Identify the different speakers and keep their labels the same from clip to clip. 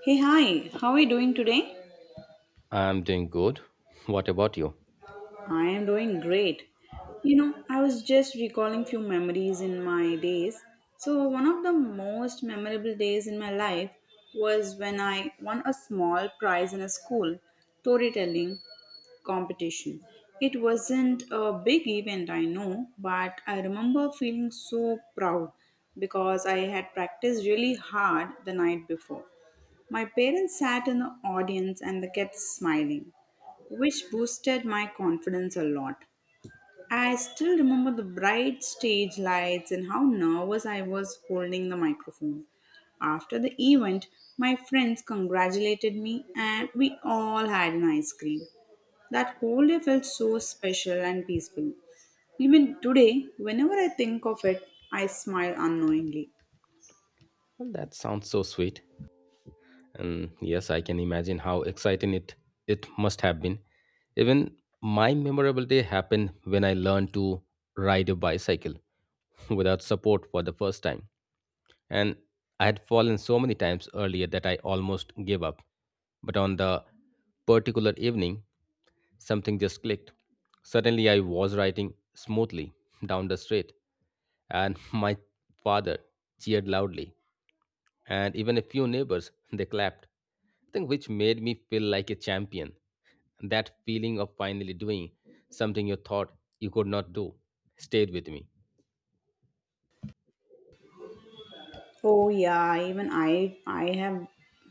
Speaker 1: Hey, hi, how are you doing today?
Speaker 2: I'm doing good. What about you?
Speaker 1: I am doing great. You know, I was just recalling few memories in my days. So, one of the most memorable days in my life was when I won a small prize in a school storytelling competition. It wasn't a big event, I know, but I remember feeling so proud because I had practiced really hard the night before. My parents sat in the audience and they kept smiling, which boosted my confidence a lot. I still remember the bright stage lights and how nervous I was holding the microphone. After the event, my friends congratulated me and we all had an ice cream. That whole day felt so special and peaceful. Even today, whenever I think of it, I smile unknowingly.
Speaker 2: Well, that sounds so sweet. And yes, I can imagine how exciting it must have been. Even my memorable day happened when I learned to ride a bicycle without support for the first time. And I had fallen so many times earlier that I almost gave up. But on the particular evening, something just clicked. Suddenly, I was riding smoothly down the street, and my father cheered loudly, and even a few neighbors they clapped, I think, which made me feel like a champion. That feeling of finally doing something you thought you could not do stayed with me.
Speaker 1: Oh yeah, even I have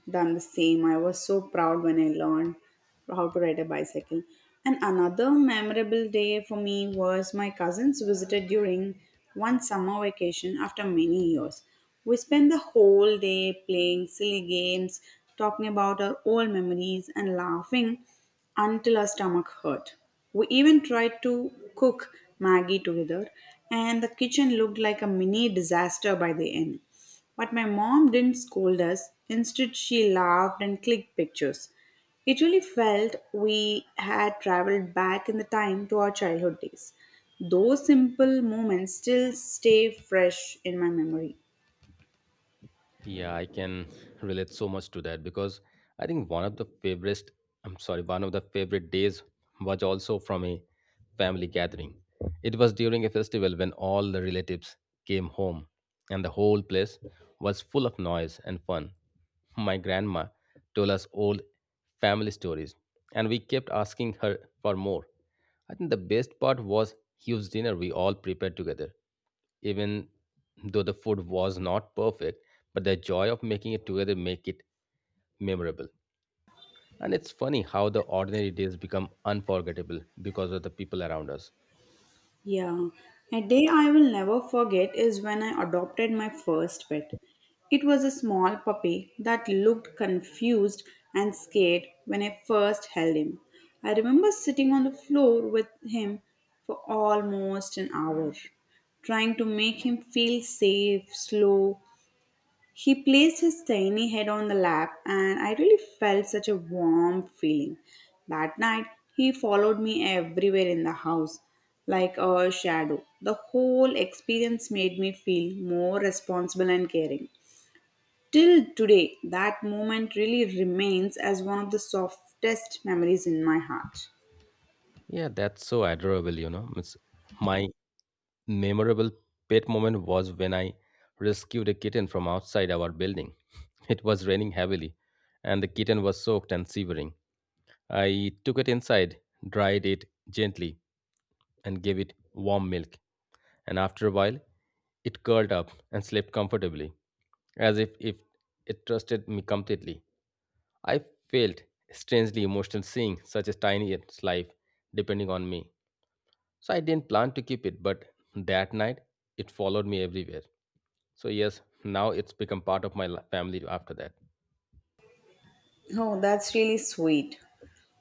Speaker 1: done the same. I was so proud when I learned how to ride a bicycle. And another memorable day for me was my cousins visited during one summer vacation after many years. We spent the whole day playing silly games, talking about our old memories and laughing until our stomach hurt. We even tried to cook Maggie together, and the kitchen looked like a mini disaster by the end. But my mom didn't scold us, instead, she laughed and clicked pictures. It really felt we had traveled back in the time to our childhood days. Those simple moments still stay fresh in my memory.
Speaker 2: Yeah, I can relate so much to that because I think one of the favorite, I'm sorry, one of the favorite days was also from a family gathering. It was during a festival when all the relatives came home and the whole place was full of noise and fun. My grandma told us old family stories and we kept asking her for more. I think the best part was huge dinner we all prepared together. Even though the food was not perfect, but the joy of making it together make it memorable. And it's funny how the ordinary days become unforgettable because of the people around us.
Speaker 1: Yeah, a day I will never forget is when I adopted my first pet. It was a small puppy that looked confused and scared when I first held him. I remember sitting on the floor with him for almost an hour, trying to make him feel safe. Slow, he placed his tiny head on the lap, and I really felt such a warm feeling. That night, he followed me everywhere in the house, like a shadow. The whole experience made me feel more responsible and caring. Till today, that moment really remains as one of the softest memories in my heart.
Speaker 2: Yeah, that's so adorable, you know. It's my memorable pet moment was when I rescued a kitten from outside our building. It was raining heavily, and the kitten was soaked and shivering. I took it inside, dried it gently, and gave it warm milk. And after a while, it curled up and slept comfortably, as if it trusted me completely. I felt strangely emotional seeing such a tiny its life depending on me. So I didn't plan to keep it, but that night it followed me everywhere. So yes, now it's become part of my family after that.
Speaker 1: Oh, that's really sweet.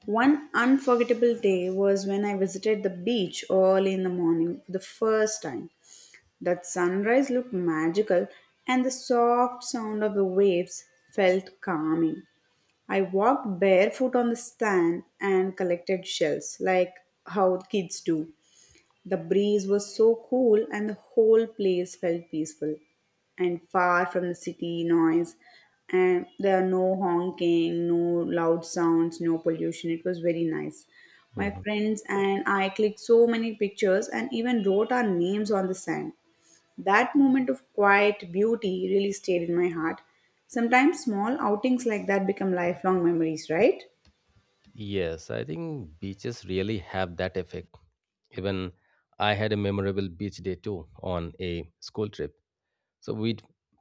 Speaker 1: One unforgettable day was when I visited the beach early in the morning for the first time. That sunrise looked magical, and the soft sound of the waves felt calming. I walked barefoot on the sand and collected shells, like how kids do. The breeze was so cool, and the whole place felt peaceful and far from the city noise. And there are no honking, no loud sounds, no pollution. It was very nice. My
Speaker 2: Mhm.
Speaker 1: friends and I clicked so many pictures and even wrote our names on the sand. That moment of quiet beauty really stayed in my heart. Sometimes small outings like that become lifelong memories, right?
Speaker 2: Yes, I think beaches really have that effect. Even I had a memorable beach day too on a school trip. So we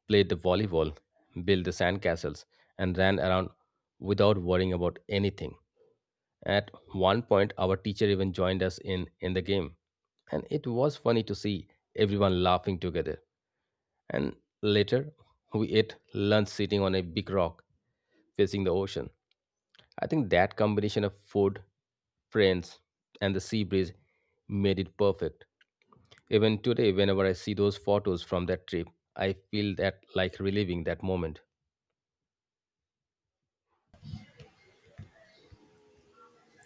Speaker 2: played the volleyball, built the sandcastles, and ran around without worrying about anything. At one point, our teacher even joined us in the game, and it was funny to see everyone laughing together. And later, we ate lunch sitting on a big rock facing the ocean. I think that combination of food, friends, and the sea breeze made it perfect. Even today, whenever I see those photos from that trip, I feel that like reliving that moment.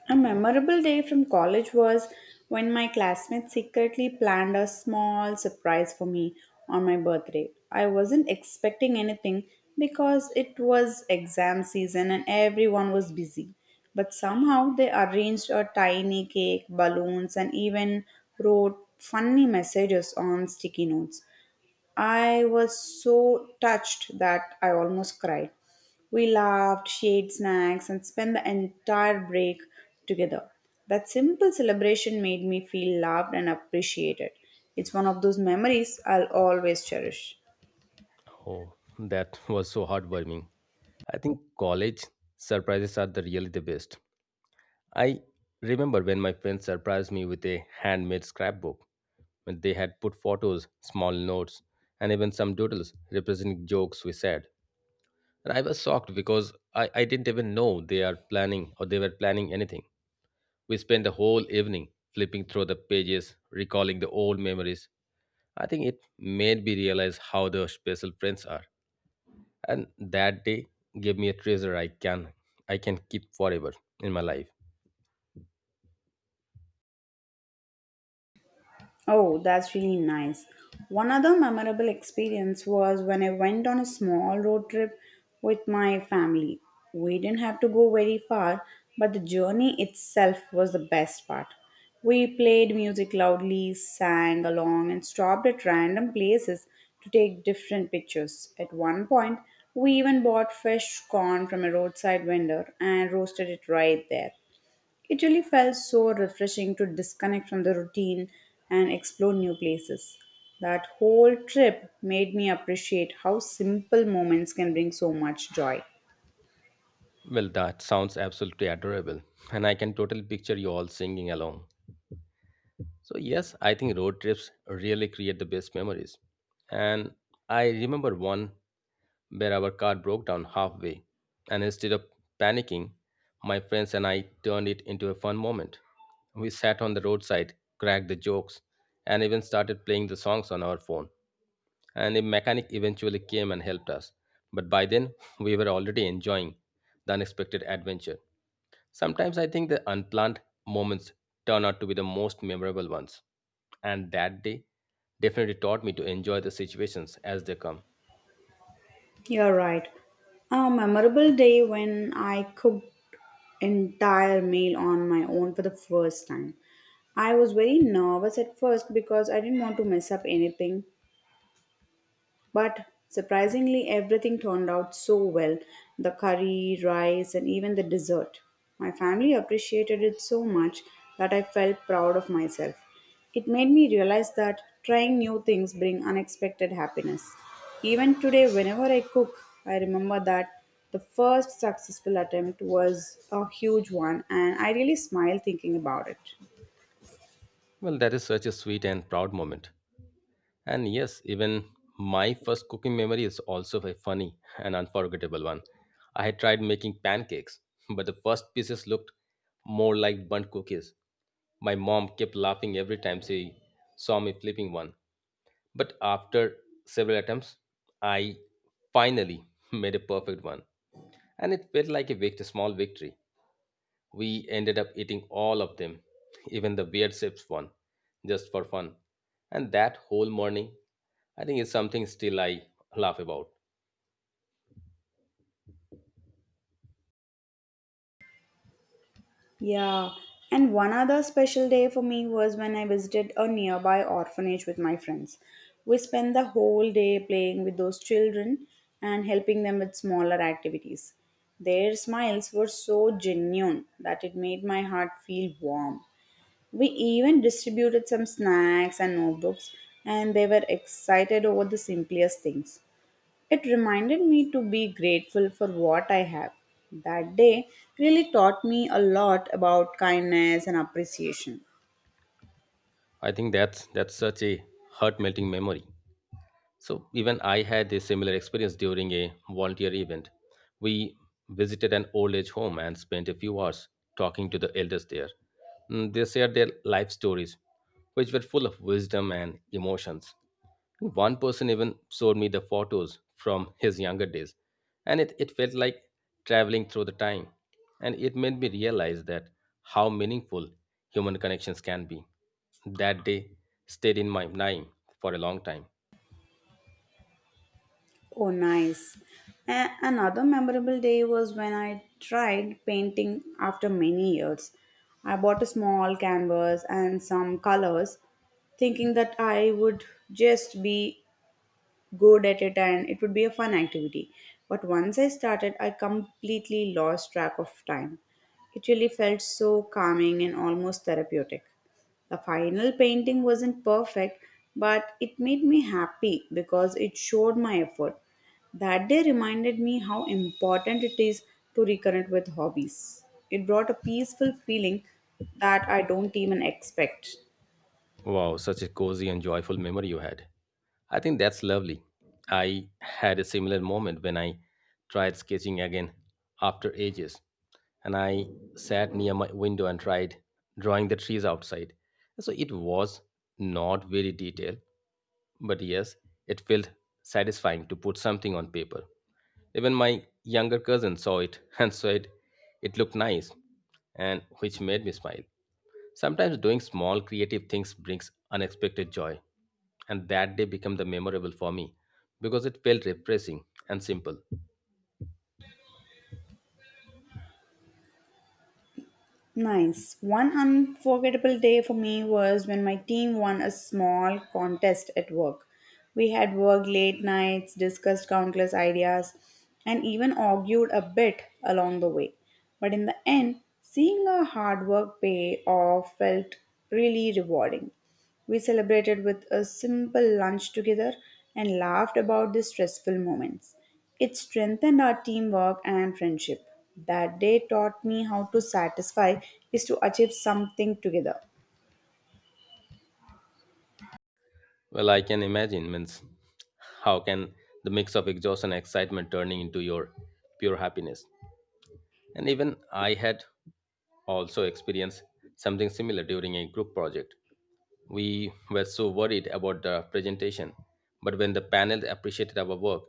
Speaker 1: A memorable day from college was when my classmates secretly planned a small surprise for me on my birthday. I wasn't expecting anything because it was exam season and everyone was busy. But somehow they arranged a tiny cake, balloons, and even wrote funny messages on sticky notes. I was so touched that I almost cried. We laughed, shared snacks, and spent the entire break together. That simple celebration made me feel loved and appreciated. It's one of those memories I'll always cherish.
Speaker 2: Oh, that was so heartwarming. I think college surprises are the really the best. I remember when my friends surprised me with a handmade scrapbook. When they had put photos, small notes, and even some doodles representing jokes we said. And I was shocked because I didn't even know they are planning or they were planning anything. We spent the whole evening flipping through the pages, recalling the old memories. I think it made me realize how the special friends are. And that day gave me a treasure I can keep forever in my life.
Speaker 1: Oh, that's really nice. One other memorable experience was when I went on a small road trip with my family. We didn't have to go very far, but the journey itself was the best part. We played music loudly, sang along, and stopped at random places to take different pictures. At one point, we even bought fresh corn from a roadside vendor and roasted it right there. It really felt so refreshing to disconnect from the routine and explore new places. That whole trip made me appreciate how simple moments can bring so much joy.
Speaker 2: Well, that sounds absolutely adorable, and I can totally picture you all singing along. So yes, I think road trips really create the best memories. And I remember one where our car broke down halfway. And instead of panicking, my friends and I turned it into a fun moment. We sat on the roadside, cracked the jokes, and even started playing the songs on our phone. And a mechanic eventually came and helped us. But by then, we were already enjoying the unexpected adventure. Sometimes I think the unplanned moments turn out to be the most memorable ones. And that day definitely taught me to enjoy the situations as they come.
Speaker 1: You're right. A memorable day when I cooked entire meal on my own for the first time. I was very nervous at first because I didn't want to mess up anything, but surprisingly, everything turned out so well, the curry, rice, and even the dessert. My family appreciated it so much that I felt proud of myself. It made me realize that trying new things bring unexpected happiness. Even today, whenever I cook, I remember that the first successful attempt was a huge one, and I really smile thinking about it.
Speaker 2: Well, that is such a sweet and proud moment. And yes, even my first cooking memory is also a funny and unforgettable one. I had tried making pancakes, but the first pieces looked more like burnt cookies. My mom kept laughing every time she saw me flipping one. But after several attempts, I finally made a perfect one, and it felt like a small victory. We ended up eating all of them, even the weird shapes one, just for fun. And that whole morning, I think it's something still I laugh about.
Speaker 1: Yeah, and one other special day for me was when I visited a nearby orphanage with my friends. We spent the whole day playing with those children and helping them with smaller activities. Their smiles were so genuine that it made my heart feel warm. We even distributed some snacks and notebooks, and they were excited over the simplest things. It reminded me to be grateful for what I have. That day really taught me a lot about kindness and appreciation.
Speaker 2: I think that's such a heart melting memory. So, even I had a similar experience during a volunteer event. We visited an old age home and spent a few hours talking to the elders there. They shared their life stories, which were full of wisdom and emotions. One person even showed me the photos from his younger days, and it felt like traveling through the time. And it made me realize that how meaningful human connections can be. That day stayed in my mind for a long time.
Speaker 1: Oh, nice. Another memorable day was when I tried painting after many years. I bought a small canvas and some colors, thinking that I would just be good at it and it would be a fun activity. But once I started, I completely lost track of time. It really felt so calming and almost therapeutic. The final painting wasn't perfect, but it made me happy because it showed my effort. That day reminded me how important it is to reconnect with hobbies. It brought a peaceful feeling that I don't even expect.
Speaker 2: Wow, such a cozy and joyful memory you had. I think that's lovely. I had a similar moment when I tried sketching again after ages, and I sat near my window and tried drawing the trees outside. So it was not very detailed, but yes, it felt satisfying to put something on paper. Even my younger cousin saw it and said it looked nice, and which made me smile. Sometimes doing small creative things brings unexpected joy, and that day became the memorable for me because it felt refreshing and simple.
Speaker 1: Nice. One unforgettable day for me was when my team won a small contest at work. We had worked late nights, discussed countless ideas, and even argued a bit along the way. But in the end, seeing our hard work pay off felt really rewarding. We celebrated with a simple lunch together and laughed about the stressful moments. It strengthened our teamwork and friendship. That day taught me how to satisfy is to achieve something together.
Speaker 2: Well, I can imagine means how can the mix of exhaustion and excitement turning into your pure happiness. And even I had also experienced something similar during a group project. We were so worried about the presentation, but when the panel appreciated our work,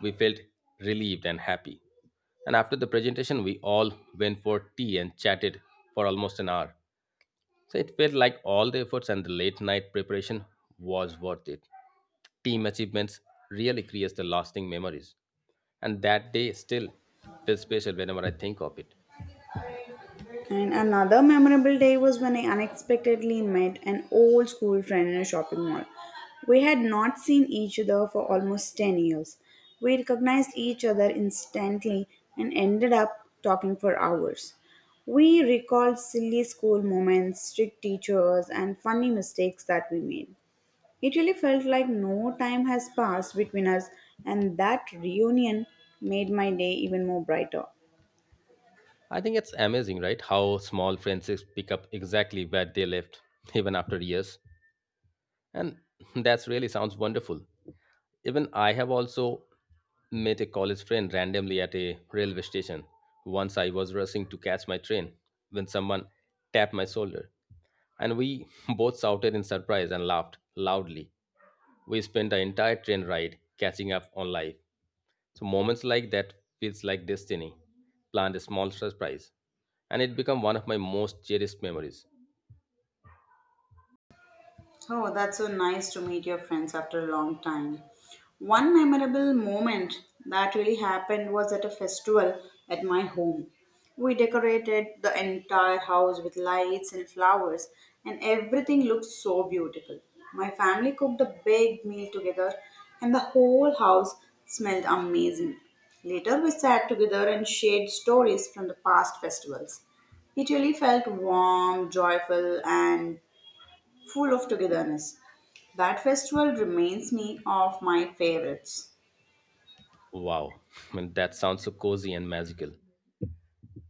Speaker 2: we felt relieved and happy. And after the presentation, we all went for tea and chatted for almost an hour. So it felt like all the efforts and the late night preparation was worth it. Team achievements really creates the lasting memories. And that day still feels special whenever I think of it.
Speaker 1: And another memorable day was when I unexpectedly met an old school friend in a shopping mall. We had not seen each other for almost 10 years. We recognized each other instantly and ended up talking for hours. We recalled silly school moments, strict teachers, and funny mistakes that we made. It really felt like no time has passed between us, and that reunion made my day even more brighter.
Speaker 2: I think it's amazing, right? How small friendships pick up exactly where they left, even after years. And that's really sounds wonderful. Even I have also met a college friend randomly at a railway station. Once I was rushing to catch my train when someone tapped my shoulder, and we both shouted in surprise and laughed loudly. We spent the entire train ride catching up on life. So moments like that feels like destiny planned a small surprise, and it became one of my most cherished memories.
Speaker 1: Oh, that's so nice to meet your friends after a long time. One memorable moment that really happened was at a festival at my home. We decorated the entire house with lights and flowers, and everything looked so beautiful. My family cooked a big meal together, and the whole house smelled amazing. Later, we sat together and shared stories from the past festivals. It really felt warm, joyful, and full of togetherness. That festival reminds me of my favorites.
Speaker 2: Wow, I mean, that sounds so cozy and magical.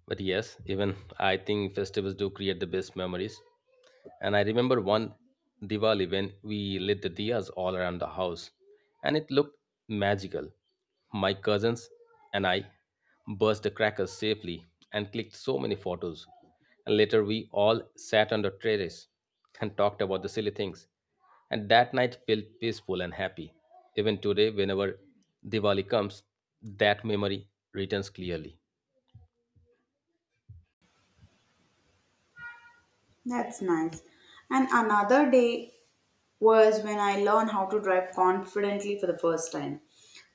Speaker 2: But yes, even I think festivals do create the best memories. And I remember one Diwali when we lit the diyas all around the house, and it looked magical. My cousins and I burst the crackers safely and clicked so many photos. And later, we all sat on the terrace and talked about the silly things. And that night felt peaceful and happy. Even today, whenever Diwali comes, that memory returns clearly.
Speaker 1: That's nice. And another day was when I learned how to drive confidently for the first time.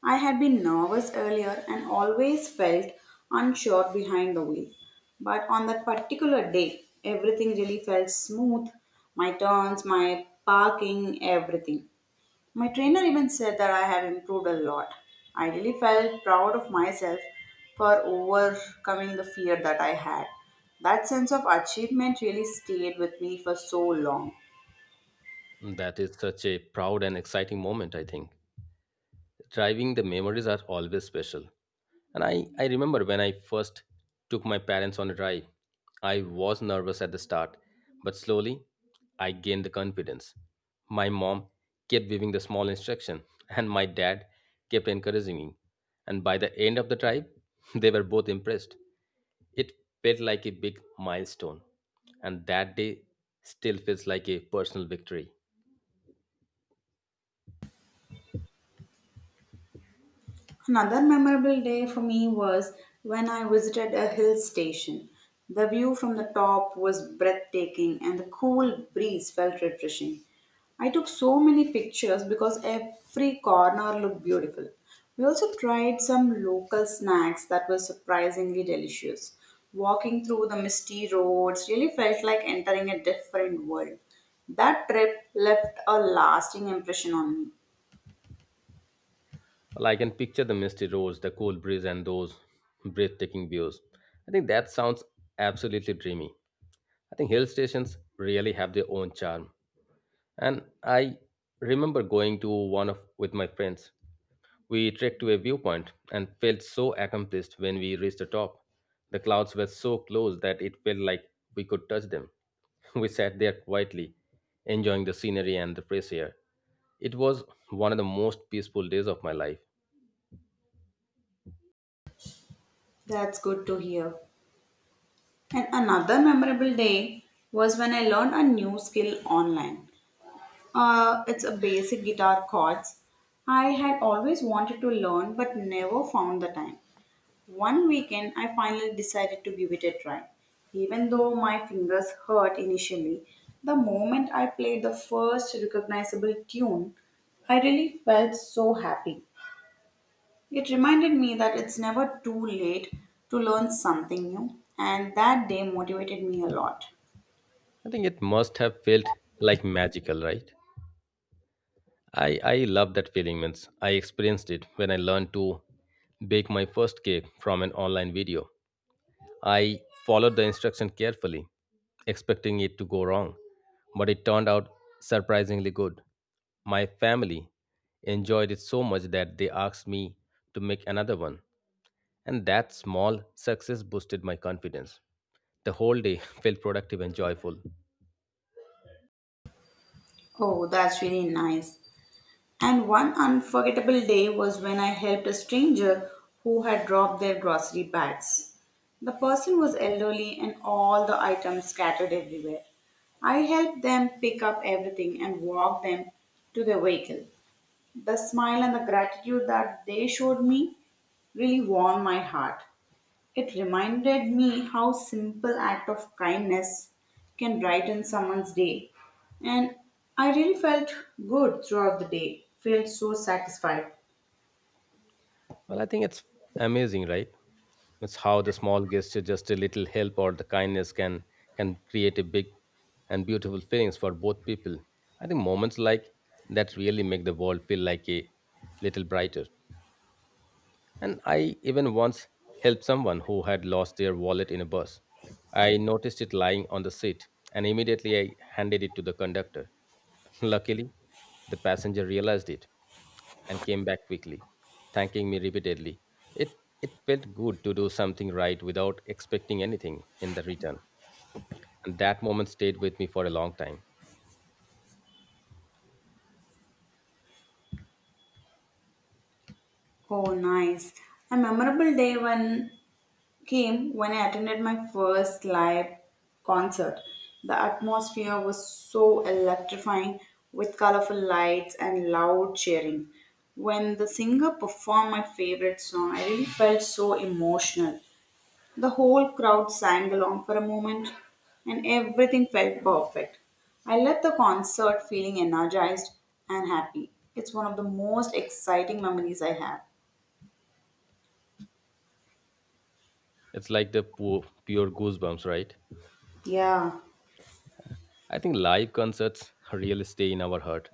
Speaker 1: I had been nervous earlier and always felt unsure behind the wheel. But on that particular day, everything really felt smooth, my turns, my parking, everything. My trainer even said that I have improved a lot. I really felt proud of myself for overcoming the fear that I had. That sense of achievement really stayed with me for so long.
Speaker 2: That is such a proud and exciting moment, I think. Driving, the memories are always special. And I remember when I first took my parents on a drive, I was nervous at the start, but slowly I gained the confidence. My mom kept giving the small instruction, and my dad kept encouraging me. And by the end of the drive, they were both impressed. It felt like a big milestone, and that day still feels like a personal victory.
Speaker 1: Another memorable day for me was when I visited a hill station. The view from the top was breathtaking and the cool breeze felt refreshing. I took so many pictures because every corner looked beautiful. We also tried some local snacks that were surprisingly delicious. Walking through the misty roads really felt like entering a different world. That trip left a lasting impression on me.
Speaker 2: Well, I can picture the misty roads, the cool breeze, and those breathtaking views. I think that sounds absolutely dreamy. I think hill stations really have their own charm. And I remember going to one of with my friends. We trekked to a viewpoint and felt so accomplished when we reached the top. The clouds were so close that it felt like we could touch them. We sat there quietly, enjoying the scenery and the fresh air. It was one of the most peaceful days of my life.
Speaker 1: That's good to hear. And another memorable day was when I learned a new skill online. It's a basic guitar chords. I had always wanted to learn but never found the time. One weekend, I finally decided to give it a try. Even though my fingers hurt initially, the moment I played the first recognizable tune, I really felt so happy. It reminded me that it's never too late to learn something new, and that day motivated me a lot.
Speaker 2: I think it must have felt like magical, right? I love that feeling, means I experienced it when I learned to bake my first cake from an online video. I followed the instruction carefully, expecting it to go wrong, but it turned out surprisingly good. My family enjoyed it so much that they asked me to make another one, and that small success boosted my confidence. The whole day felt productive and joyful.
Speaker 1: Oh, that's really nice. And one unforgettable day was when I helped a stranger who had dropped their grocery bags. The person was elderly and all the items scattered everywhere. I helped them pick up everything and walk them to their vehicle. The smile and the gratitude that they showed me really warmed my heart. It reminded me how simple act of kindness can brighten someone's day. And I really felt good throughout the day, felt so satisfied.
Speaker 2: Well, I think it's amazing, right? It's how the small gesture, just a little help or the kindness, can create a big and beautiful feelings for both people. I think moments like that really make the world feel like a little brighter. And I even once helped someone who had lost their wallet in a bus. I noticed it lying on the seat, and immediately I handed it to the conductor. Luckily, the passenger realized it and came back quickly, thanking me repeatedly. It, it felt good to do something right without expecting anything in the return. And that moment stayed with me for a long time.
Speaker 1: Oh, nice. A memorable day when came when I attended my first live concert. The atmosphere was so electrifying with colorful lights and loud cheering. When the singer performed my favorite song, I really felt so emotional. The whole crowd sang along for a moment, and everything felt perfect. I left the concert feeling energized and happy. It's one of the most exciting memories I have.
Speaker 2: It's like the pure, pure goosebumps, right?
Speaker 1: Yeah.
Speaker 2: I think live concerts really stay in our heart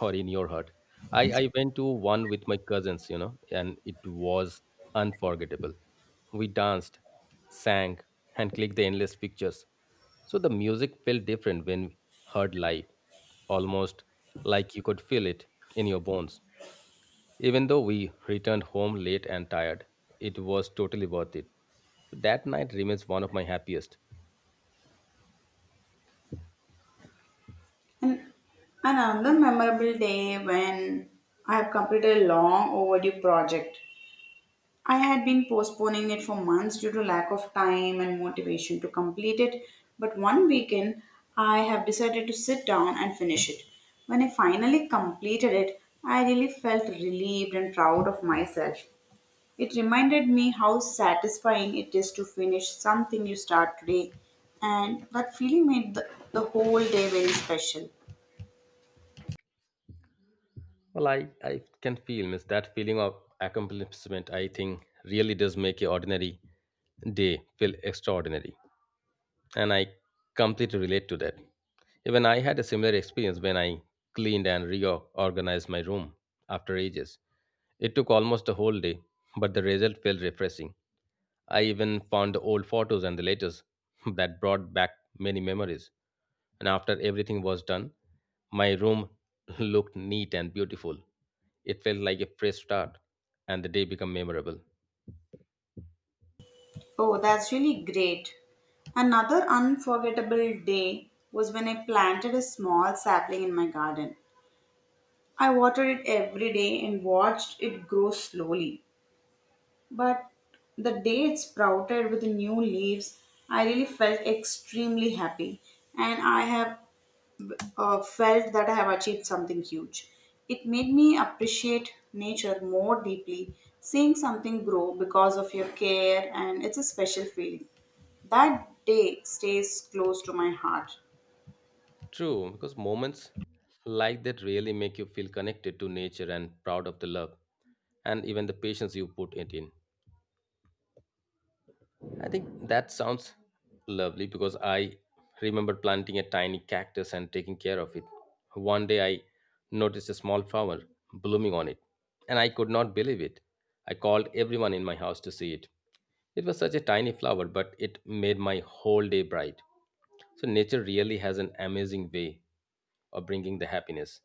Speaker 2: or in your heart. I went to one with my cousins, and it was unforgettable. We danced, sang, and clicked the endless pictures. So the music felt different when heard live, almost like you could feel it in your bones. Even though we returned home late and tired, it was totally worth it. That night remains one of my happiest.
Speaker 1: And another memorable day when I have completed a long overdue project. I had been postponing it for months due to lack of time and motivation to complete it, but one weekend I have decided to sit down and finish it. When I finally completed it, I really felt relieved and proud of myself. It reminded me how satisfying it is to finish something you start today, and that feeling made the whole day very special.
Speaker 2: Well, I can feel miss that feeling of accomplishment. I think really does make your ordinary day feel extraordinary, and I completely relate to that. Even I had a similar experience when I cleaned and reorganized my room after ages. It took almost a whole day, but the result felt refreshing. I even found the old photos and the letters that brought back many memories. And after everything was done, my room looked neat and beautiful. It felt like a fresh start, and the day became memorable.
Speaker 1: Oh, that's really great. Another unforgettable day was when I planted a small sapling in my garden. I watered it every day and watched it grow slowly. But the day it sprouted with new leaves, I really felt extremely happy. And I have felt that I have achieved something huge. It made me appreciate nature more deeply, seeing something grow because of your care, and it's a special feeling. That day stays close to my heart.
Speaker 2: True, because moments like that really make you feel connected to nature and proud of the love and even the patience you put it in. I think that sounds lovely because I remember planting a tiny cactus and taking care of it. One day I noticed a small flower blooming on it, and I could not believe it. I called everyone in my house to see it. It was such a tiny flower, but it made my whole day bright. So, nature really has an amazing way of bringing the happiness,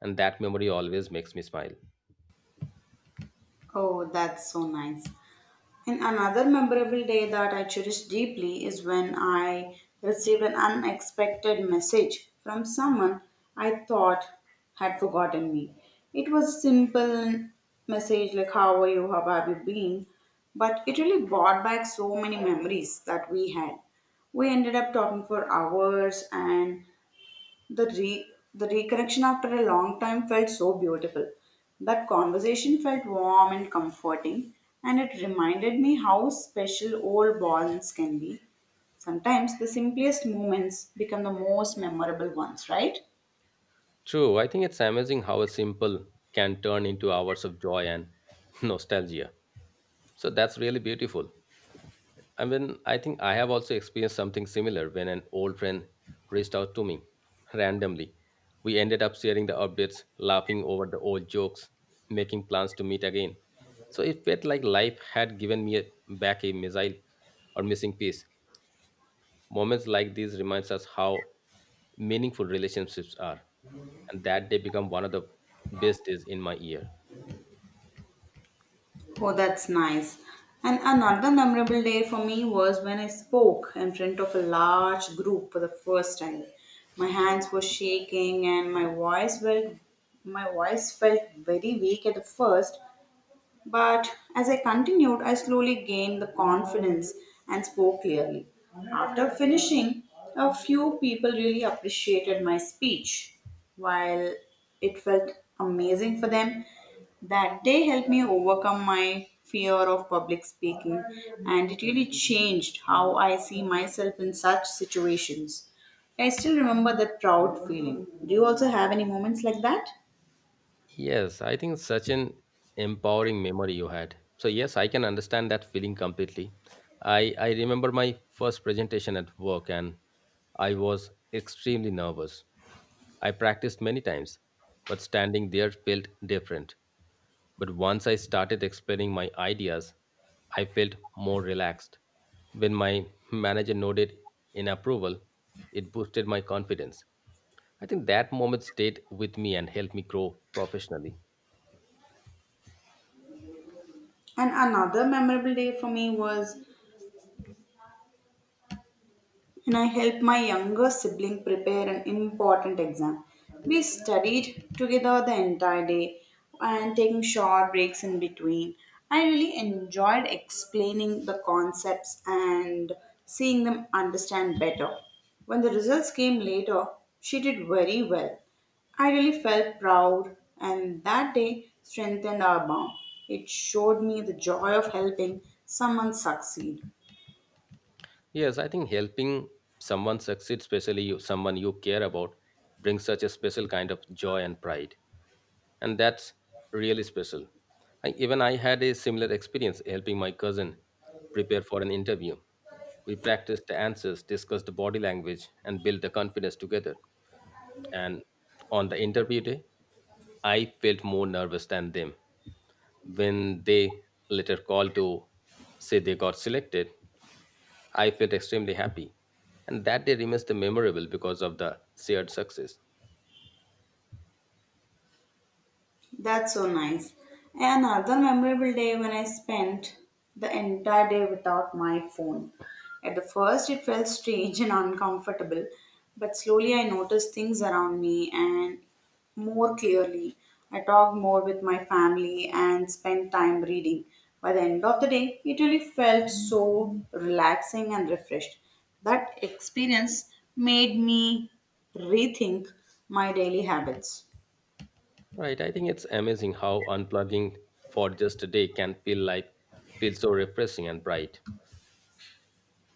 Speaker 2: and that memory always makes me smile.
Speaker 1: Oh, that's so nice. And another memorable day that I cherish deeply is when I received an unexpected message from someone I thought had forgotten me. It was a simple message like, "How are you? How have you been?" But it really brought back so many memories that we had. We ended up talking for hours, and the reconnection after a long time felt so beautiful. That conversation felt warm and comforting, and it reminded me how special old bonds can be. Sometimes the simplest moments become the most memorable ones, right?
Speaker 2: True, I think it's amazing how a simple can turn into hours of joy and nostalgia. So that's really beautiful. I mean, I think I have also experienced something similar when an old friend reached out to me randomly. We ended up sharing the updates, laughing over the old jokes, making plans to meet again. So it felt like life had given me a, back a missile or missing piece. Moments like these reminds us how meaningful relationships are, and that they become one of the best days in my year.
Speaker 1: Oh, that's nice. And another memorable day for me was when I spoke in front of a large group for the first time. My hands were shaking and my voice felt very weak at the first, but as I continued, I slowly gained the confidence and spoke clearly. After finishing, a few people really appreciated my speech. While it felt amazing for them, that day helped me overcome my fear of public speaking, and it really changed how I see myself in such situations. I still remember that proud feeling. Do you also have any moments like that?
Speaker 2: Yes, I think such an empowering memory you had. So yes, I can understand that feeling completely. I remember my first presentation at work and I was extremely nervous. I practiced many times, but standing there felt different. But once I started explaining my ideas, I felt more relaxed. When my manager nodded in approval, it boosted my confidence. I think that moment stayed with me and helped me grow professionally.
Speaker 1: And another memorable day for me was and I helped my younger sibling prepare an important exam. We studied together the entire day and taking short breaks in between. I really enjoyed explaining the concepts and seeing them understand better. When the results came later, she did very well. I really felt proud, and that day strengthened our bond. It showed me the joy of helping someone succeed.
Speaker 2: Yes, I think helping someone succeed, especially you, someone you care about, brings such a special kind of joy and pride. And that's really special. Even I had a similar experience helping my cousin prepare for an interview. We practiced the answers, discussed the body language, and built the confidence together. And on the interview day, I felt more nervous than them when they later called to say they got selected. I felt extremely happy, and that day remains the memorable because of the shared success.
Speaker 1: That's so nice. Another memorable day when I spent the entire day without my phone. At the first, it felt strange and uncomfortable, but slowly I noticed things around me and more clearly. I talked more with my family and spent time reading. By the end of the day, it really felt so relaxing and refreshed. That experience made me rethink my daily habits.
Speaker 2: Right, I think it's amazing how unplugging for just a day can feel like feel so refreshing and bright.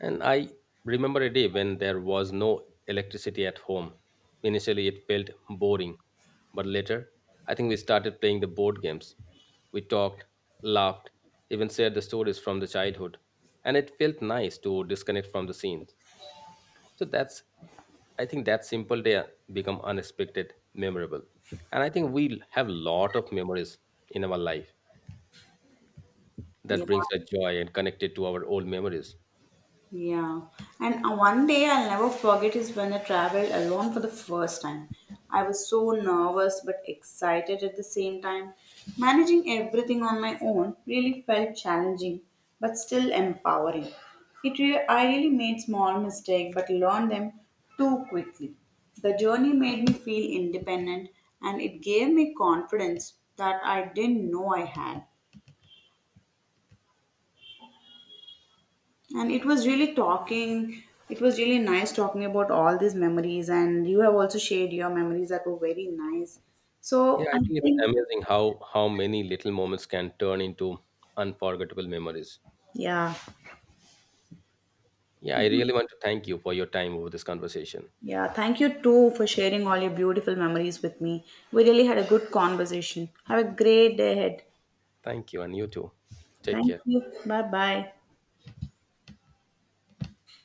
Speaker 2: And I remember a day when there was no electricity at home. Initially, it felt boring, but later, I think we started playing the board games. We talked, laughed, even shared the stories from the childhood, and it felt nice to disconnect from the scenes. So that's, I think that simple day become unexpected, memorable. And I think we have lot of memories in our life that
Speaker 1: Yeah.
Speaker 2: brings us joy and connected to our old memories.
Speaker 1: Yeah, and one day I'll never forget is when I traveled alone for the first time. I was so nervous but excited at the same time. Managing everything on my own really felt challenging but still empowering. I really made small mistakes but learned them too quickly. The journey made me feel independent, and it gave me confidence that I didn't know I had. And it was really nice talking about all these memories. And you have also shared your memories that were very nice. So
Speaker 2: Yeah, I
Speaker 1: I
Speaker 2: think it's
Speaker 1: think,
Speaker 2: amazing how many little moments can turn into unforgettable memories.
Speaker 1: yeah.
Speaker 2: Yeah, I really want to thank you for your time over this conversation.
Speaker 1: Yeah, thank you too for sharing all your beautiful memories with me. We really had a good conversation. Have a great day ahead.
Speaker 2: Thank you, and you too. Take
Speaker 1: Thank
Speaker 2: care.
Speaker 1: you. Bye bye.